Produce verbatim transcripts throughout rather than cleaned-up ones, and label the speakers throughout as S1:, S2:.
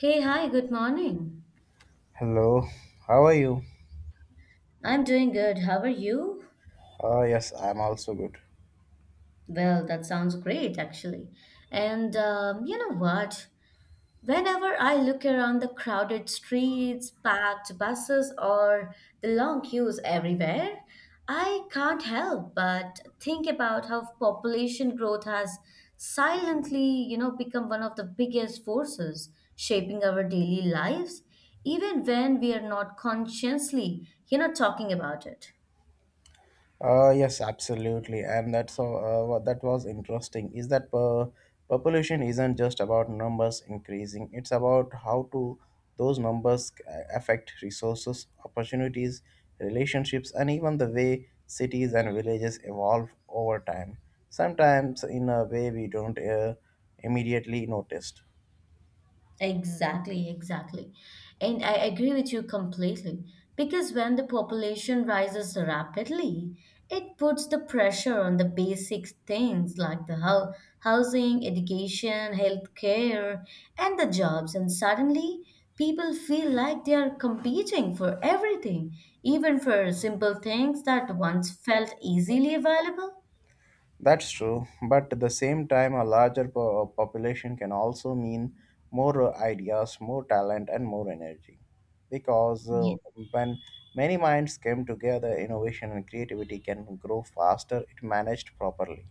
S1: Hey, hi, good morning.
S2: Hello, how are you?
S1: I'm doing good. How are you?
S2: Uh, yes, I'm also good.
S1: Well, that sounds great, actually. And um, you know what? Whenever I look around the crowded streets, packed buses, or the long queues everywhere, I can't help but think about how population growth has silently, you know, become one of the biggest forces shaping our daily lives, even when we are not consciously, you know, talking about it.
S2: Uh, yes, absolutely. And that's all, uh, what that was interesting is that uh, population isn't just about numbers increasing, it's about how to those numbers c- affect resources, opportunities, relationships, and even the way cities and villages evolve over time. Sometimes in a way we don't uh, immediately notice.
S1: Exactly, exactly. And I agree with you completely. Because when the population rises rapidly, it puts the pressure on the basic things like the hou- housing, education, healthcare, and the jobs. And suddenly, people feel like they are competing for everything, even for simple things that once felt easily available.
S2: That's true, but at the same time, a larger po- population can also mean more uh, ideas, more talent, and more energy. Because uh, When many minds come together, innovation and creativity can grow faster if managed properly.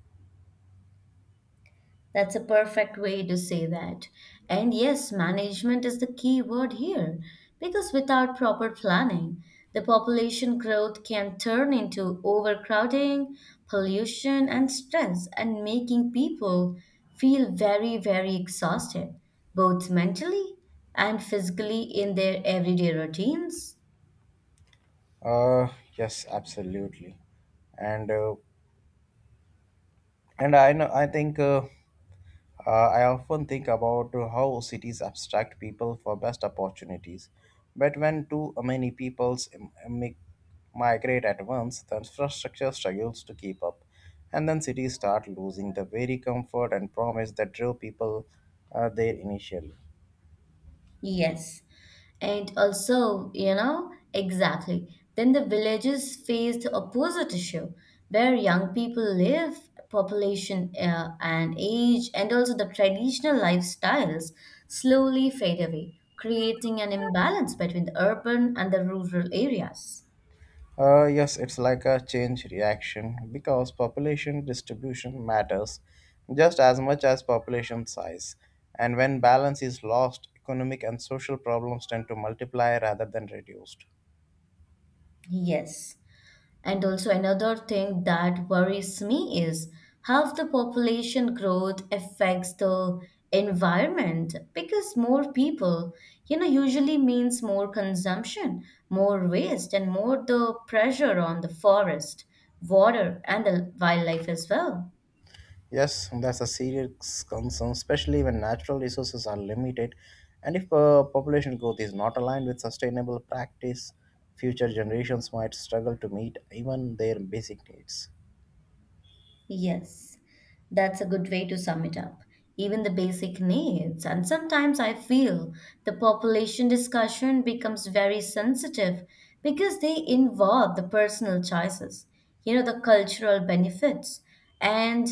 S1: That's a perfect way to say that. And yes, management is the key word here because without proper planning, the population growth can turn into overcrowding, pollution, and stress, and making people feel very, very exhausted, both mentally and physically in their everyday routines.
S2: Uh, yes, absolutely, and uh, and I know I think. Uh, Uh, I often think about how cities abstract people for best opportunities, but when too many peoples im- mi- migrate at once, the infrastructure struggles to keep up, and then cities start losing the very comfort and promise that drew people uh, there initially.
S1: Yes. And also, you know, exactly. Then the villages faced opposite issue where young people live, population uh, and age, and also the traditional lifestyles slowly fade away, creating an imbalance between the urban and the rural areas.
S2: Uh, yes, it's like a change reaction because population distribution matters just as much as population size. And when balance is lost, economic and social problems tend to multiply rather than reduced.
S1: Yes. And also, another thing that worries me is how the population growth affects the environment because more people, you know, usually means more consumption, more waste, and more the pressure on the forest, water, and the wildlife as well.
S2: Yes, that's a serious concern, especially when natural resources are limited and if uh, population growth is not aligned with sustainable practice, future generations might struggle to meet even their basic needs.
S1: Yes, that's a good way to sum it up. Even the basic needs. And sometimes I feel the population discussion becomes very sensitive because they involve the personal choices, you know, the cultural benefits. And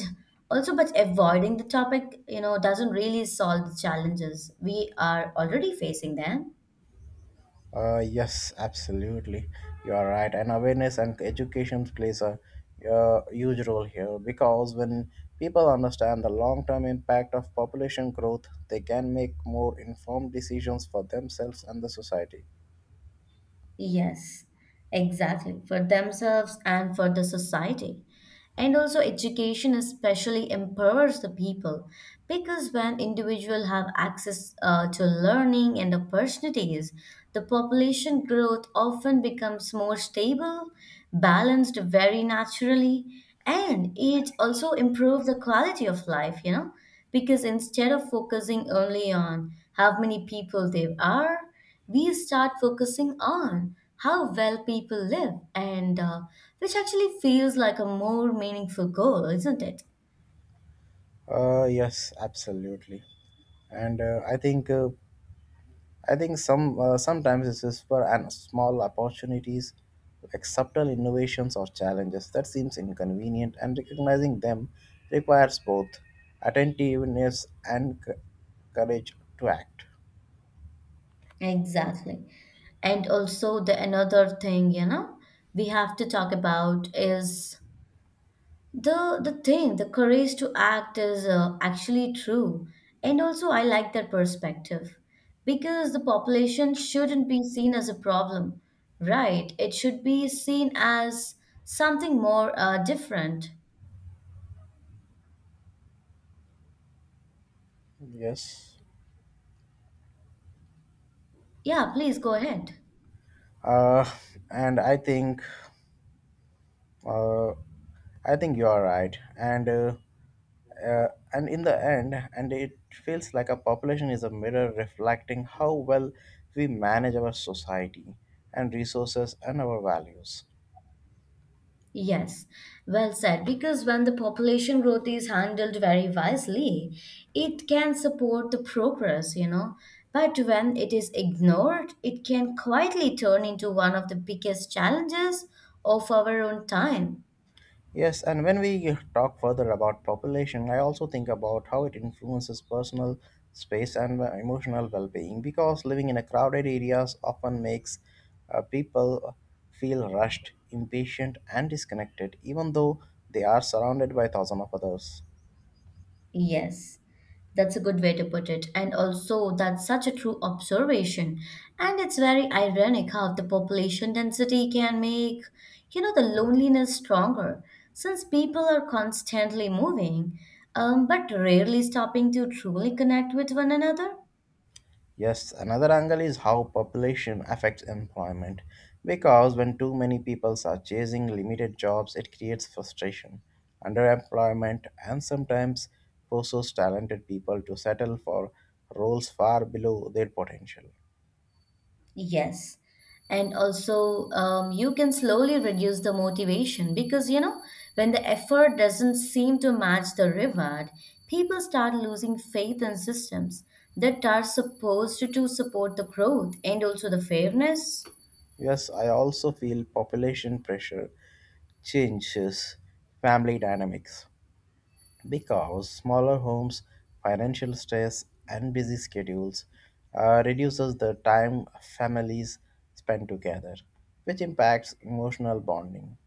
S1: also, but avoiding the topic, you know, doesn't really solve the challenges we are already facing then.
S2: Uh, yes, absolutely. You are right. And awareness and education plays a uh, huge role here because when people understand the long term impact of population growth, they can make more informed decisions for themselves and the society.
S1: Yes, exactly. For themselves and for the society. And also education especially empowers the people because when individuals have access uh, to learning and opportunities, the population growth often becomes more stable, balanced very naturally, and it also improves the quality of life, you know, because instead of focusing only on how many people there are, we start focusing on how well people live and uh, which actually feels like a more meaningful goal, isn't it?
S2: Uh, yes, absolutely. And uh, I think uh, I think some uh, Sometimes it's just for and small opportunities, like subtle innovations or challenges that seems inconvenient, and recognizing them requires both attentiveness and c- courage to act.
S1: Exactly. And also the another thing, you know we have to talk about is the the thing the courage to act is uh, actually true. And also I like that perspective, because the population shouldn't be seen as a problem, right? It should be seen as something more, uh, different.
S2: Yes,
S1: Yeah, please go ahead.
S2: uh, and I think uh, I think you are right. and. Uh, uh, and In the end and it feels like a population is a mirror reflecting how well we manage our society and resources and our values.
S1: Yes, well said. Because when the population growth is handled very wisely, it can support the progress, you know. But when it is ignored, it can quietly turn into one of the biggest challenges of our own time.
S2: Yes, and when we talk further about population, I also think about how it influences personal space and uh, emotional well-being, because living in a crowded areas often makes uh, people feel rushed, impatient and disconnected, even though they are surrounded by thousands of others.
S1: Yes. That's a good way to put it. And also, that's such a true observation. And it's very ironic how the population density can make, you know, the loneliness stronger, since people are constantly moving, um, but rarely stopping to truly connect with one another.
S2: Yes, another angle is how population affects employment. Because when too many people are chasing limited jobs, it creates frustration, underemployment, and sometimes forces talented people to settle for roles far below their potential.
S1: Yes. And also, um, you can slowly reduce the motivation because, you know, when the effort doesn't seem to match the reward, people start losing faith in systems that are supposed to, to support the growth and also the fairness.
S2: Yes, I also feel population pressure changes family dynamics, because smaller homes, financial stress, and busy schedules uh, reduces the time families spend together, which impacts emotional bonding.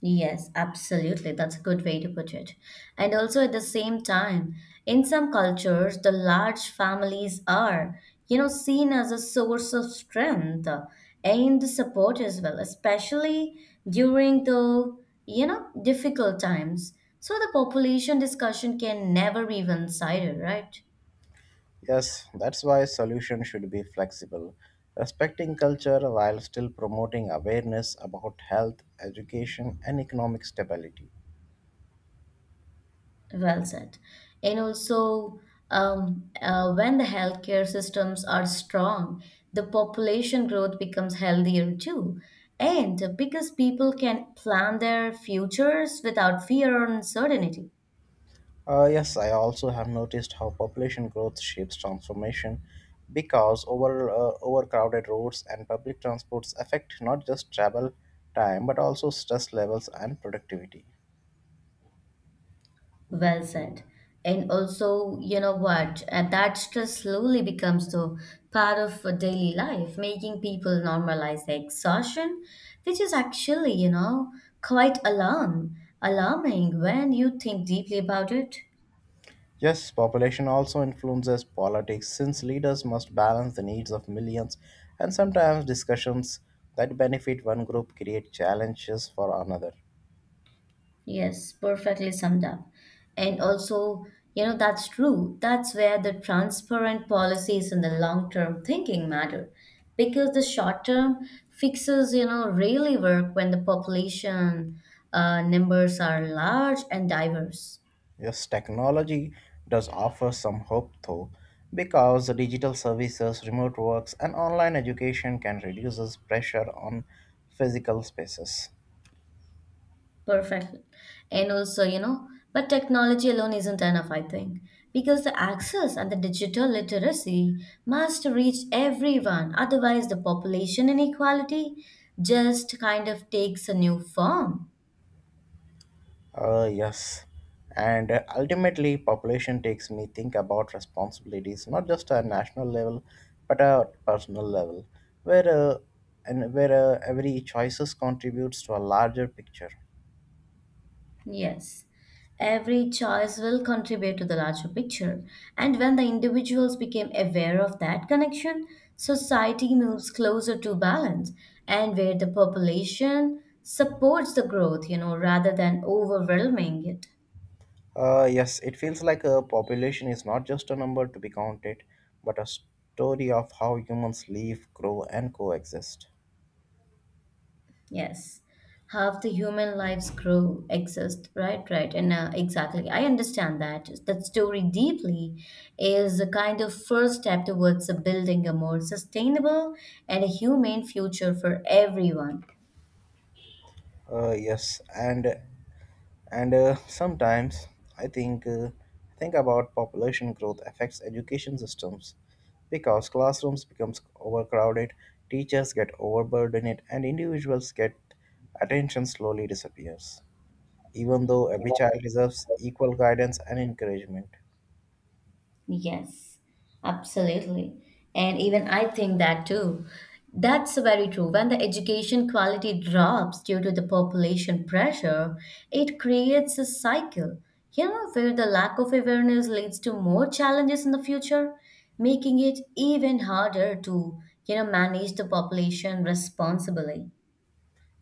S1: Yes, absolutely. That's a good way to put it. And also at the same time, in some cultures, the large families are, you know, seen as a source of strength and the support as well, especially during the, you know, difficult times. So the population discussion can never be one-sided, right?
S2: Yes, that's why solutions should be flexible, respecting culture while still promoting awareness about health, education, and economic stability.
S1: Well said. And also, um, uh, when the healthcare systems are strong, the population growth becomes healthier too. And because people can plan their futures without fear or uncertainty.
S2: Uh, yes, I also have noticed how population growth shapes transformation because over uh, overcrowded roads and public transports affect not just travel time but also stress levels and productivity.
S1: Well said. And also, you know what? And that stress slowly becomes the part of a daily life, making people normalize the exhaustion, which is actually, you know, quite alarm alarming when you think deeply about it.
S2: Yes, population also influences politics since leaders must balance the needs of millions, and sometimes discussions that benefit one group create challenges for another.
S1: Yes, perfectly summed up. And also, you know, that's true. That's where the transparent policies and the long-term thinking matter. Because the short-term fixes, you know, really work when the population uh, numbers are large and diverse.
S2: Yes, technology does offer some hope though, because digital services, remote works, and online education can reduce this pressure on physical spaces.
S1: Perfect. And also, you know, but technology alone isn't enough, I think, because the access and the digital literacy must reach everyone. Otherwise, the population inequality just kind of takes a new form.
S2: Uh, yes, and uh, ultimately, population takes me think about responsibilities, not just at national level, but at personal level, where uh, and where uh, every choices contributes to a larger picture.
S1: Yes, every choice will contribute to the larger picture. And when the individuals became aware of that connection, society moves closer to balance and where the population supports the growth, you know, rather than overwhelming it.
S2: Uh, yes, it feels like a population is not just a number to be counted, but a story of how humans live, grow, and coexist.
S1: Yes, half the human lives grow, exist, right, right, and uh, exactly. I understand that that story deeply is a kind of first step towards uh, building a more sustainable and a humane future for everyone.
S2: Uh, yes, and and uh, sometimes I think uh, think about population growth affects education systems, because classrooms becomes overcrowded, teachers get overburdened, and individuals get attention slowly disappears. Even though every child deserves equal guidance and encouragement.
S1: Yes, absolutely. And even I think that too. That's very true. When the education quality drops due to the population pressure, it creates a cycle, you know, where the lack of awareness leads to more challenges in the future, making it even harder to, you know, manage the population responsibly.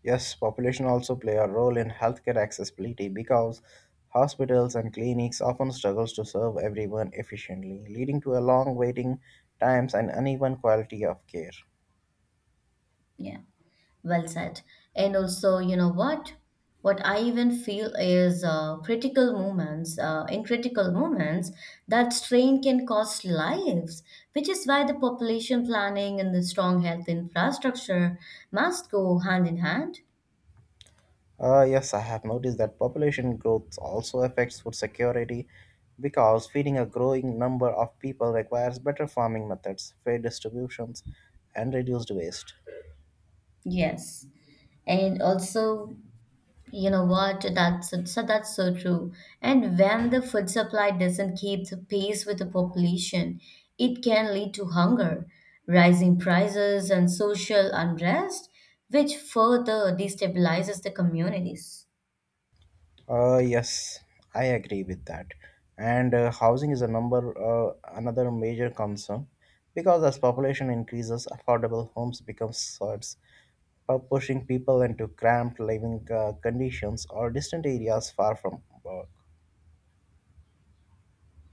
S2: Yes, population also play a role in healthcare accessibility, because hospitals and clinics often struggles to serve everyone efficiently, leading to a long waiting times and uneven quality of care.
S1: Yeah. Well said. And also, you know what? What I even feel is uh, critical moments. Uh, in critical moments, that strain can cost lives, which is why the population planning and the strong health infrastructure must go hand in hand.
S2: Uh, yes, I have noticed that population growth also affects food security because feeding a growing number of people requires better farming methods, fair distributions, and reduced waste.
S1: Yes. And also, you know what? That's so that's so true. And when the food supply doesn't keep the pace with the population, it can lead to hunger, rising prices, and social unrest, which further destabilizes the communities.
S2: Uh, yes, I agree with that. And uh, housing is a number uh, another major concern, because as population increases, affordable homes become scarce, pu- pushing people into cramped living uh, conditions or distant areas far from work.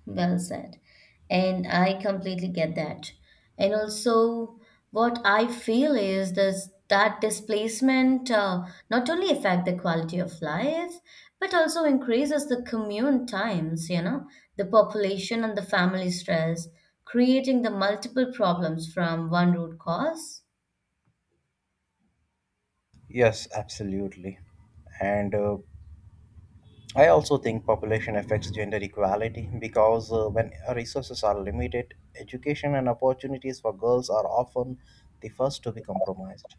S1: Well said. And I completely get that. And also, what I feel is this, that displacement uh, not only affect the quality of life, but also increases the commute times, you know, the population and the family stress, creating the multiple problems from one root cause.
S2: Yes, absolutely. And uh, I also think population affects gender equality, because uh, when resources are limited, education and opportunities for girls are often the first to be compromised.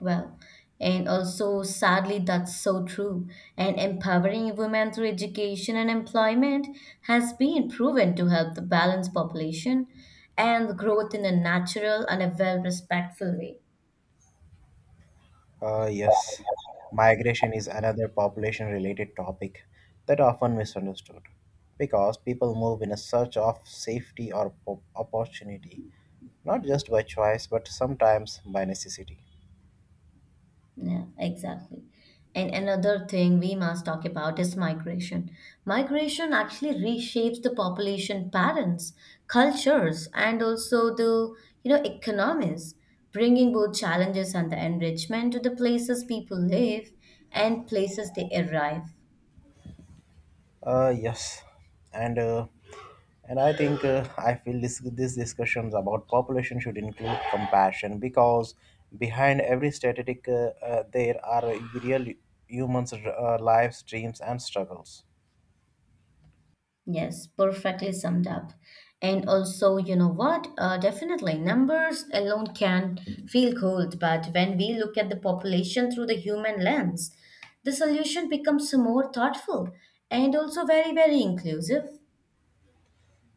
S1: Well, and also sadly, that's so true. And empowering women through education and employment has been proven to help the balanced population and growth in a natural and a well respectful way.
S2: Uh, yes, migration is another population related topic that often misunderstood, because people move in a search of safety or po- opportunity, not just by choice but sometimes by necessity.
S1: Yeah, exactly. And another thing we must talk about is migration. Migration actually reshapes the population patterns, cultures, and also the, you know, economies, bringing both challenges and the enrichment to the places people live and places they arrive.
S2: Uh, yes, and uh, and I think uh, I feel this these discussions about population should include compassion, because behind every statistic uh, uh, there are real humans' uh, lives, dreams, and struggles.
S1: Yes, perfectly summed up. And also, you know what? Uh, definitely, numbers alone can feel cold, but when we look at the population through the human lens, the solution becomes more thoughtful and also very, very inclusive.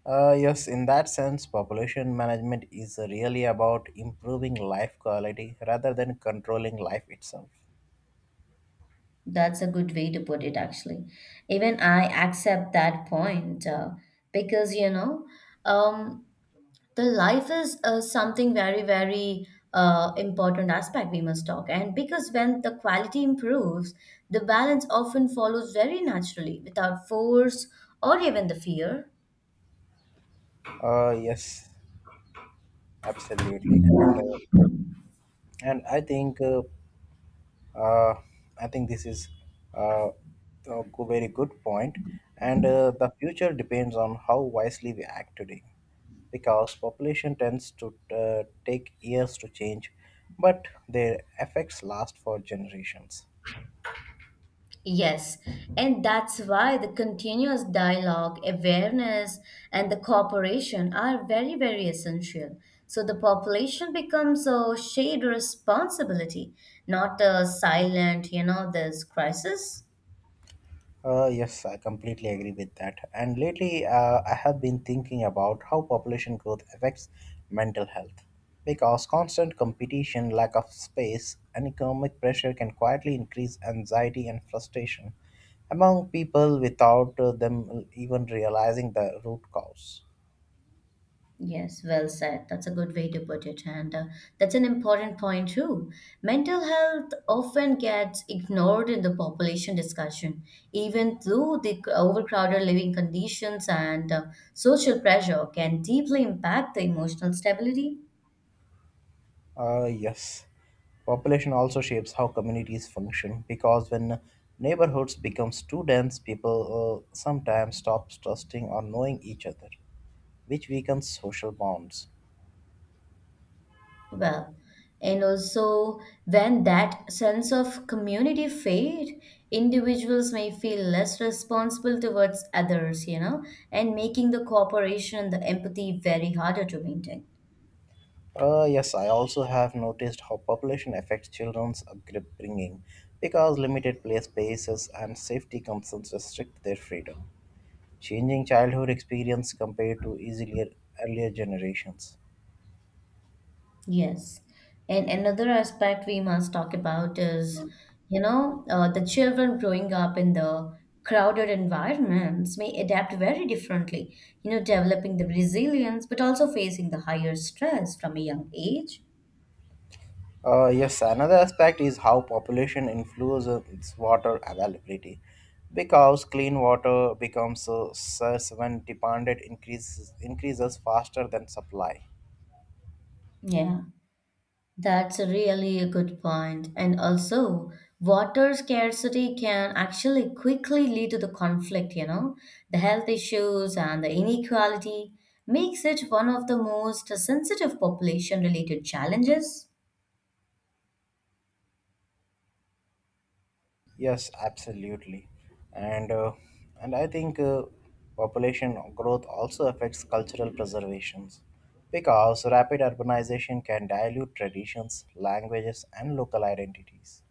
S2: Uh, yes, in that sense, population management is really about improving life quality rather than controlling life itself.
S1: That's a good way to put it, actually. Even I accept that point, uh, because, you know, um, the life is uh, something very, very uh, important aspect we must talk, and because when the quality improves, the balance often follows very naturally without force or even the fear.
S2: Uh, yes, absolutely, and uh, and I think uh, uh, I think This is uh, a go- very good point, and uh, the future depends on how wisely we act today, because population tends to uh, take years to change, but their effects last for generations.
S1: Yes, and that's why the continuous dialogue, awareness, and the cooperation are very, very essential. So the population becomes a shared responsibility, not a silent, you know, this crisis.
S2: Uh, yes, I completely agree with that. And lately, uh, I have been thinking about how population growth affects mental health. Because constant competition, lack of space, and economic pressure can quietly increase anxiety and frustration among people without uh, them even realizing the root cause.
S1: Yes, well said. That's a good way to put it. And uh, that's an important point, too. Mental health often gets ignored in the population discussion, even though the overcrowded living conditions and uh, social pressure can deeply impact the emotional stability.
S2: Uh, yes. Population also shapes how communities function, because when neighborhoods becomes too dense, people uh, sometimes stop trusting or knowing each other, which weakens social bonds.
S1: Well, and also when that sense of community fade, individuals may feel less responsible towards others, you know, and making the cooperation and the empathy very harder to maintain.
S2: Uh, yes, I also have noticed how population affects children's upbringing, because limited play spaces and safety concerns restrict their freedom, changing childhood experience compared to easier earlier generations.
S1: Yes. And another aspect we must talk about is, you know, uh, the children growing up in the crowded environments may adapt very differently, you know, developing the resilience, but also facing the higher stress from a young age.
S2: Uh, yes, another aspect is how population influences water availability, because clean water becomes uh, scarce when demand increases, increases faster than supply.
S1: Yeah. That's really A really good point. And also, water scarcity can actually quickly lead to the conflict, you know, the health issues and the inequality makes it one of the most sensitive population related challenges.
S2: Yes, absolutely. And uh, and I think uh, population growth also affects cultural preservations, because rapid urbanization can dilute traditions, languages, and local identities.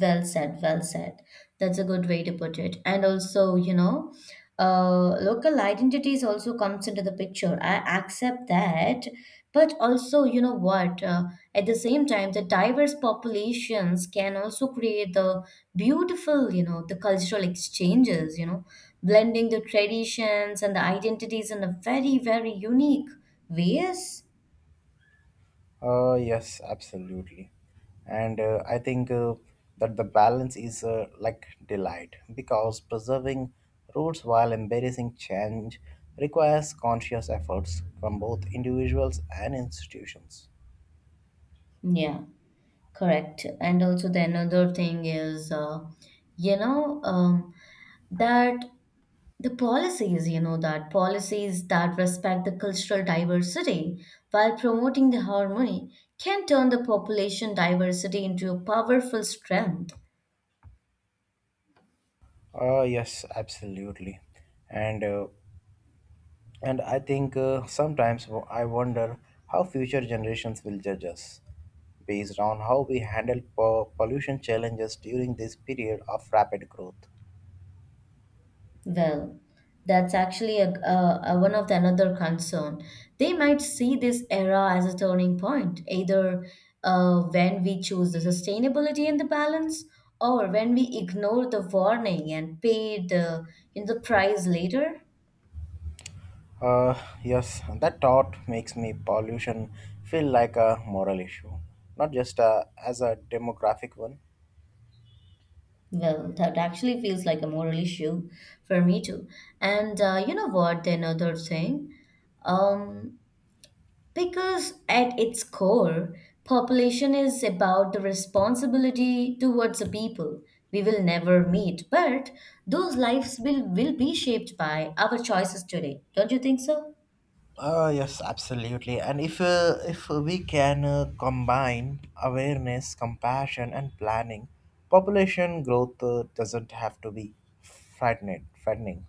S1: Well said, well said. That's a good way to put it. And also, you know, uh, local identities also comes into the picture. I accept that, but also, you know what? Uh, at the same time, the diverse populations can also create the beautiful, you know, the cultural exchanges. You know, blending the traditions and the identities in a very, very unique ways.
S2: Uh, yes, absolutely. And uh, I think uh, that the balance is uh, like delight, because preserving roots while embracing change requires conscious efforts from both individuals and institutions.
S1: Yeah. Correct. And also the another thing is, uh, you know, um, that the policies, you know, that policies that respect the cultural diversity while promoting the harmony can turn the population diversity into a powerful strength.
S2: Uh, yes, absolutely. And uh, and I think uh, Sometimes wo- I wonder how future generations will judge us based on how we handle po- pollution challenges during this period of rapid growth.
S1: Well, that's actually a, a, a- one of the another concern. They might see this era as a turning point, either uh, when we choose the sustainability and the balance, or when we ignore the warning and pay the, you know, the price later.
S2: Uh, yes, that thought makes me pollution feel like a moral issue, not just uh, as a demographic one.
S1: Well, that actually feels like a moral issue for me too. And uh, you know what? Another thing, um, because at its core, population is about the responsibility towards the people we will never meet, but those lives will, will be shaped by our choices today. Don't you think so?
S2: Uh, yes, absolutely. And if uh, if we can uh, combine awareness, compassion, and planning, population growth uh, doesn't have to be frightening. Frightening.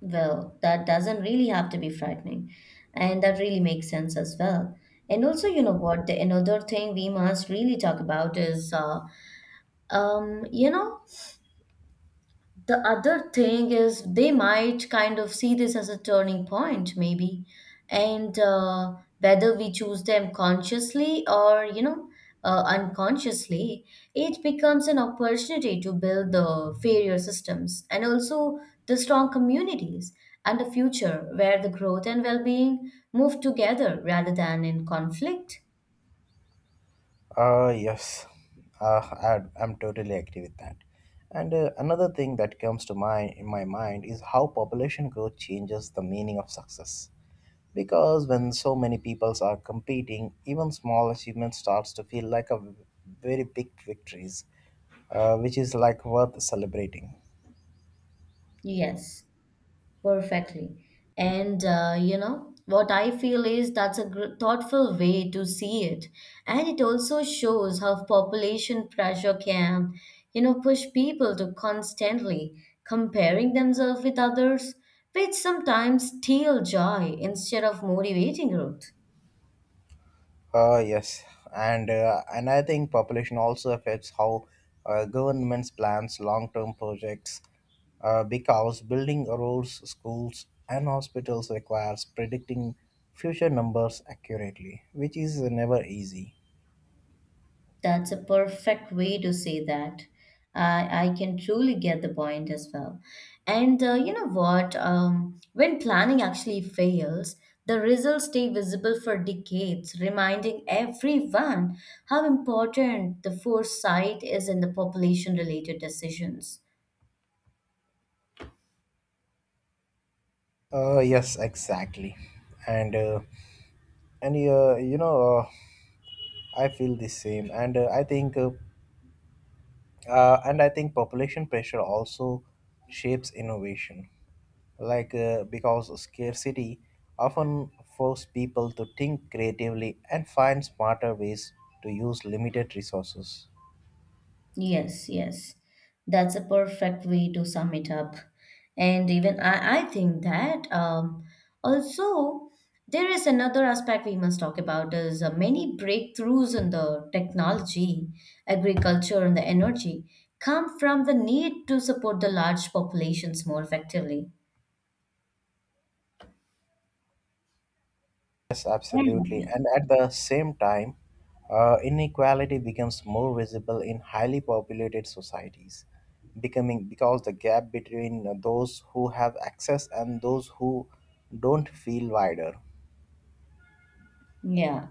S1: Well, that doesn't really have to be frightening. And that really makes sense as well. And also, you know what? The another thing we must really talk about is, uh, um, you know, the other thing is they might kind of see this as a turning point, maybe, and uh, whether we choose them consciously or you know uh, unconsciously, it becomes an opportunity to build the fairer systems and also the strong communities and a future where the growth and well-being move together rather than in conflict.
S2: Uh, yes, uh, I, I'm totally agree with that. And uh, another thing that comes to mind in my mind is how population growth changes the meaning of success. Because when so many peoples are competing, even small achievement starts to feel like a very big victories, uh, which is like worth celebrating.
S1: Yes. Perfectly. And uh, you know, what I feel is that's a gr- thoughtful way to see it. And it also shows how population pressure can, you know, push people to constantly comparing themselves with others, which sometimes steal joy instead of motivating growth.
S2: Uh, yes, and uh, and I think population also affects how uh, governments plans long-term projects, uh, because building roads, schools, and hospitals requires predicting future numbers accurately, which is never easy.
S1: That's a perfect way to say that. I, I can truly get the point as well. And uh, you know what? Um, when planning actually fails, the results stay visible for decades, reminding everyone how important the foresight is in the population related decisions.
S2: Uh, yes, exactly. and. Uh, and uh, you know uh, I feel the same, and uh, I think uh, uh, and I think population pressure also shapes innovation, like uh, because scarcity often forces people to think creatively and find smarter ways to use limited resources.
S1: Yes, yes. That's a perfect way to sum it up. And even I, I think that um, also there is another aspect we must talk about is uh, many breakthroughs in the technology, agriculture, and the energy come from the need to support the large populations more effectively.
S2: Yes, absolutely.
S1: Mm.
S2: And at the same time, uh, inequality becomes more visible in highly populated societies, becoming because the gap between uh, those who have access and those who don't feel wider.
S1: Yeah.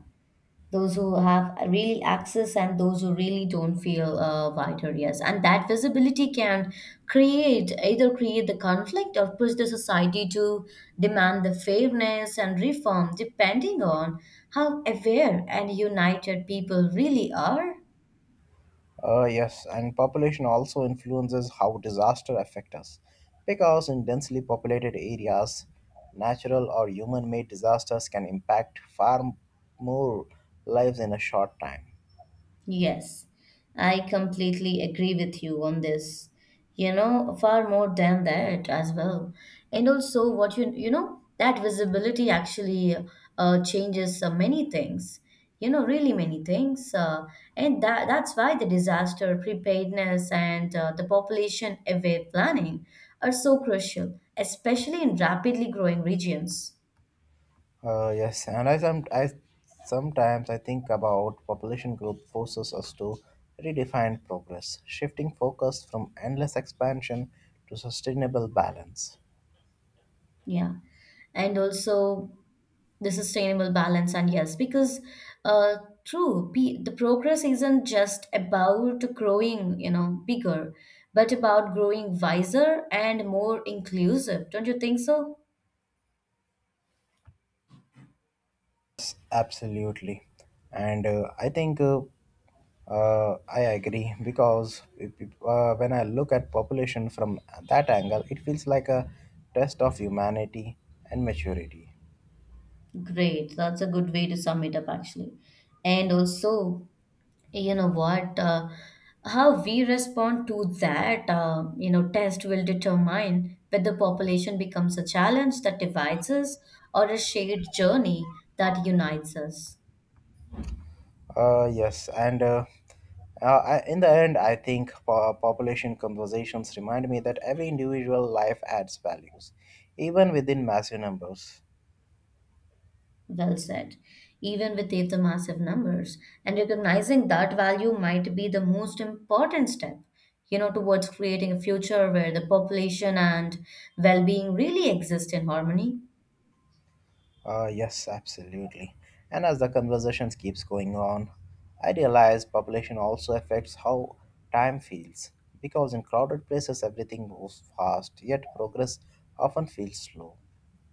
S1: Those who have really access and those who really don't feel uh, wide areas, and that visibility can create either create the conflict or push the society to demand the fairness and reform, depending on how aware and united people really are.
S2: Uh, yes, and population also influences how disaster affect us, because in densely populated areas, natural or human-made disasters can impact far m- more lives in a short time.
S1: Yes, I completely agree with you on this. You know, far more than that as well. And also, what you you know, that visibility actually uh, changes uh, many things. You know, really many things. Uh, and that that's why the disaster preparedness and uh, the population aware planning are so crucial, especially in rapidly growing regions.
S2: Uh, yes, and I some I sometimes I think about population growth forces us to redefine progress, shifting focus from endless expansion to sustainable balance.
S1: Yeah, and also the sustainable balance. And yes, because uh true, pe- the progress isn't just about growing, you know, bigger, but about growing wiser and more inclusive. Don't you think so?
S2: Yes, absolutely. And uh, I think uh, uh, I agree, because if, if, uh, when I look at population from that angle, it feels like a test of humanity and maturity.
S1: Great, that's a good way to sum it up actually. And also, you know what? Uh, how we respond to that uh, you know, test will determine whether population becomes a challenge that divides us or a shared journey that unites us.
S2: Uh, yes, and uh, uh, I- in the end, I think po- population conversations remind me that every individual life adds values, even within massive numbers.
S1: Well said. Even with the the massive numbers, and recognizing that value might be the most important step, you know, towards creating a future where the population and well-being really exist in harmony.
S2: Uh, yes, absolutely. And as the conversations keeps going on, I realize population also affects how time feels, because in crowded places everything moves fast, yet progress often feels slow,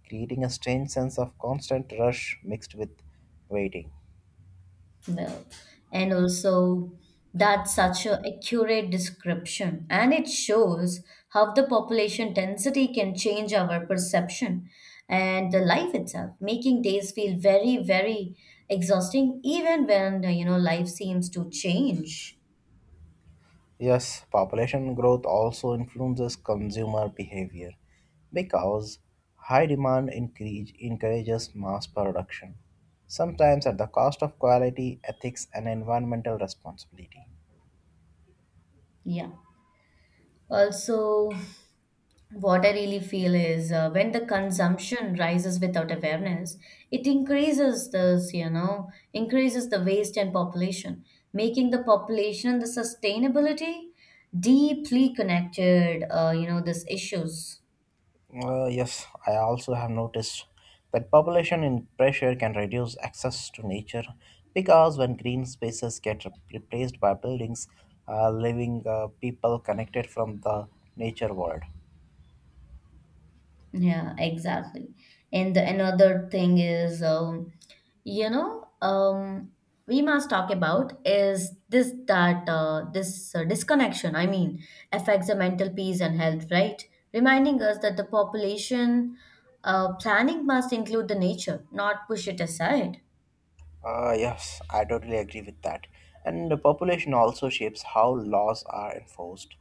S2: creating a strange sense of constant rush mixed with waiting.
S1: Well, and also that's such a accurate description, and it shows how the population density can change our perception and the life itself, making days feel very, very exhausting, even when you know life seems to change.
S2: Yes, population growth also influences consumer behavior, because high demand increase, encourages mass production, sometimes at the cost of quality, ethics, and environmental responsibility.
S1: Yeah. Also, what I really feel is uh, when the consumption rises without awareness, it increases this, you know, increases the waste and population, making the population and the sustainability deeply connected, uh, you know, these issues.
S2: Uh, yes, I also have noticed that population in pressure can reduce access to nature, because when green spaces get re- replaced by buildings, uh, living uh, people connected from the nature world.
S1: Yeah, exactly. And another thing is, um, you know, um, we must talk about is this that uh, this uh, disconnection, I mean, affects the mental peace and health, right? Reminding us that the population uh, planning must include the nature, not push it aside.
S2: Uh, yes, I totally agree with that. And the population also shapes how laws are enforced,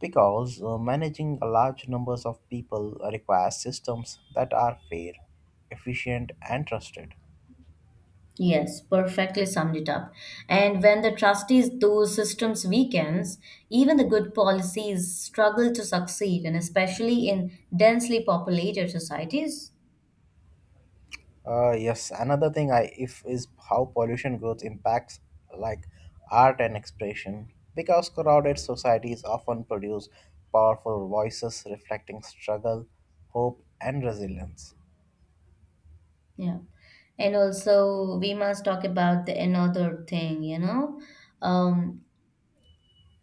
S2: because uh, managing a large numbers of people requires systems that are fair, efficient, and trusted.
S1: Yes, perfectly summed it up. And when the trustees, those systems weakens, even the good policies struggle to succeed, and especially in densely populated societies.
S2: Uh, yes, another thing I if is how pollution growth impacts like art and expression, because crowded societies often produce powerful voices reflecting struggle, hope, and resilience.
S1: Yeah. And also, we must talk about the another thing, you know, um,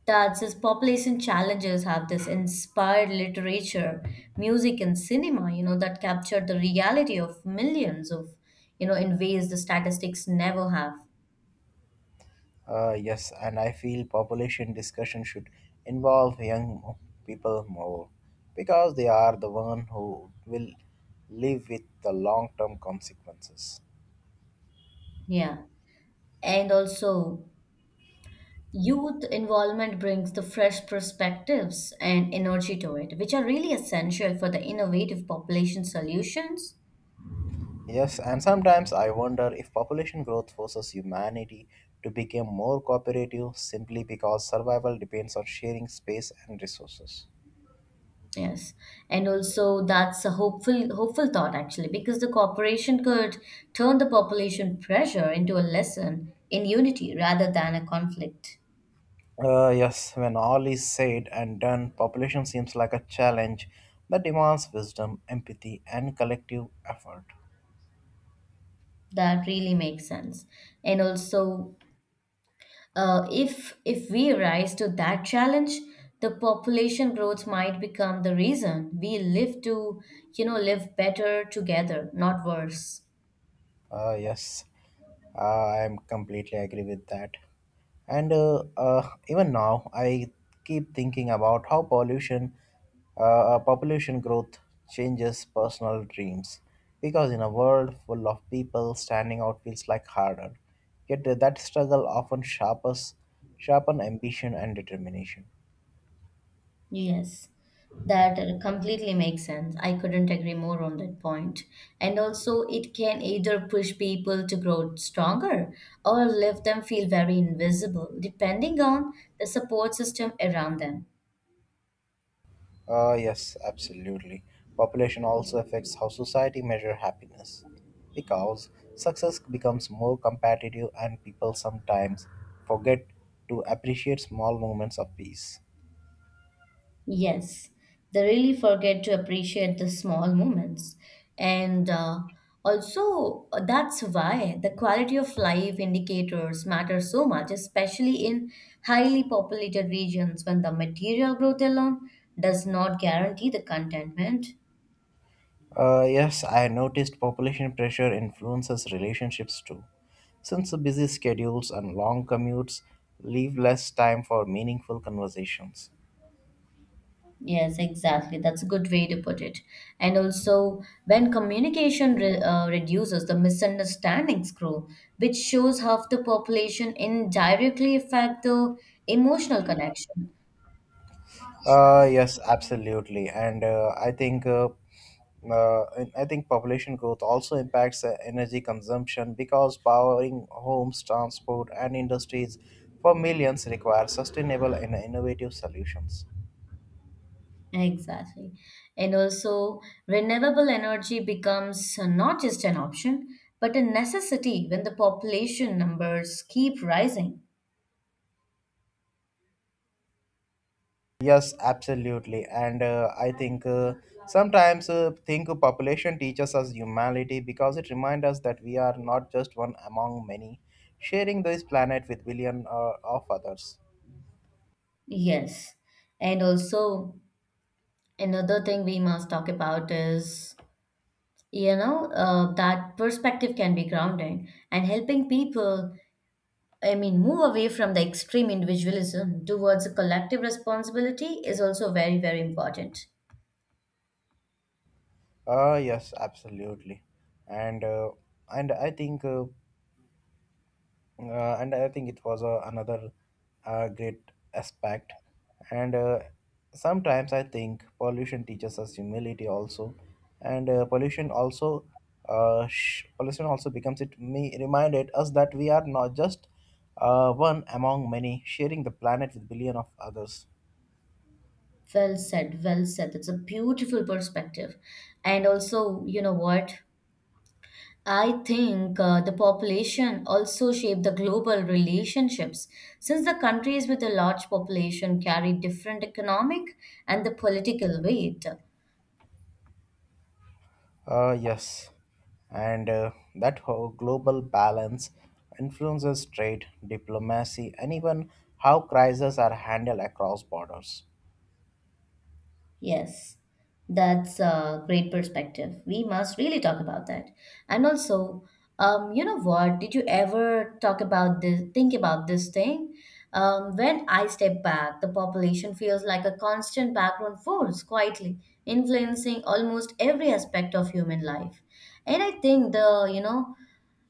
S1: that says population challenges have this inspired literature, music, and cinema, you know, that capture the reality of millions of, you know, in ways the statistics never have.
S2: Uh, yes, and I feel population discussion should involve young people more, because they are the one who will live with the long-term consequences.
S1: Yeah. And also, youth involvement brings the fresh perspectives and energy to it, which are really essential for the innovative population solutions.
S2: Yes, and sometimes I wonder if population growth forces humanity to become more cooperative simply because survival depends on sharing space and resources.
S1: Yes, and also that's a hopeful hopeful thought actually, because the corporation could turn the population pressure into a lesson in unity rather than a conflict.
S2: Uh, yes, when all is said and done, population seems like a challenge that demands wisdom, empathy, and collective effort.
S1: That really makes sense. And also, Uh, if if we rise to that challenge, the population growth might become the reason we live to, you know, live better together, not worse.
S2: Uh, yes, uh, I am completely agree with that. And uh, uh, even now, I keep thinking about how pollution, uh, uh, population growth changes personal dreams. Because in a world full of people, standing out feels like harder. Yet uh, that struggle often sharpens, sharpen ambition and determination.
S1: Yes, that uh, completely makes sense. I couldn't agree more on that point. And also, it can either push people to grow stronger or leave them feel very invisible, depending on the support system around them.
S2: Uh, yes, absolutely. Population also affects how society measure happiness, because success becomes more competitive and people sometimes forget to appreciate small moments of peace.
S1: Yes, they really forget to appreciate the small moments. And uh, also, uh, that's why the quality of life indicators matter so much, especially in highly populated regions when the material growth alone does not guarantee the contentment.
S2: Uh, yes, I noticed population pressure influences relationships too. Since the busy schedules and long commutes leave less time for meaningful conversations.
S1: Yes, exactly. That's a good way to put it. And also, when communication re uh, reduces, the misunderstandings grow, which shows how the population indirectly affect the emotional connection.
S2: Uh, yes, absolutely, and uh, I think uh, uh, and I think Population growth also impacts uh, energy consumption, because powering homes, transport, and industries for millions requires sustainable and innovative solutions.
S1: Exactly. And also, renewable energy becomes uh, not just an option, but a necessity when the population numbers keep rising.
S2: Yes, absolutely, and uh, I think uh, sometimes uh, think of population teaches us humanity, because it reminds us that we are not just one among many, sharing this planet with billion uh, of others.
S1: Yes. And also, another thing we must talk about is, you know, uh, that perspective can be grounding and helping people, I mean, move away from the extreme individualism towards a collective responsibility is also very, very important.
S2: Uh, yes, absolutely, and uh, and I think uh, uh, and I think It was uh, another uh, great aspect, and uh, sometimes I think pollution teaches us humility also, and uh, pollution also uh, sh- pollution also becomes it me reminded us that we are not just uh, one among many sharing the planet with billion of others.
S1: Well said, well said. It's a beautiful perspective. And also, you know what? I think uh, the population also shape the global relationships, since the countries with a large population carry different economic and the political weight.
S2: Uh, yes, and uh, that whole global balance influences trade, diplomacy, and even how crises are handled across borders.
S1: Yes, that's a great perspective. We must really talk about that. And also, um, you know what? Did you ever talk about this, think about this thing? Um, when I step back, the population feels like a constant background force, quietly influencing almost every aspect of human life. And I think the, you know,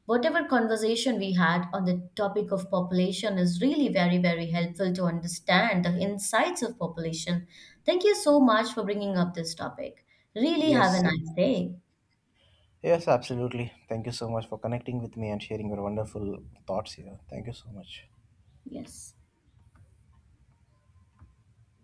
S1: whatever conversation we had on the topic of population is really very, very helpful to understand the insights of population. Thank you so much for bringing up this topic. Really have a
S2: Yes,
S1: nice day.
S2: yes, absolutely. Thank you so much for connecting with me and sharing your wonderful thoughts here. Thank you so much.
S1: Yes.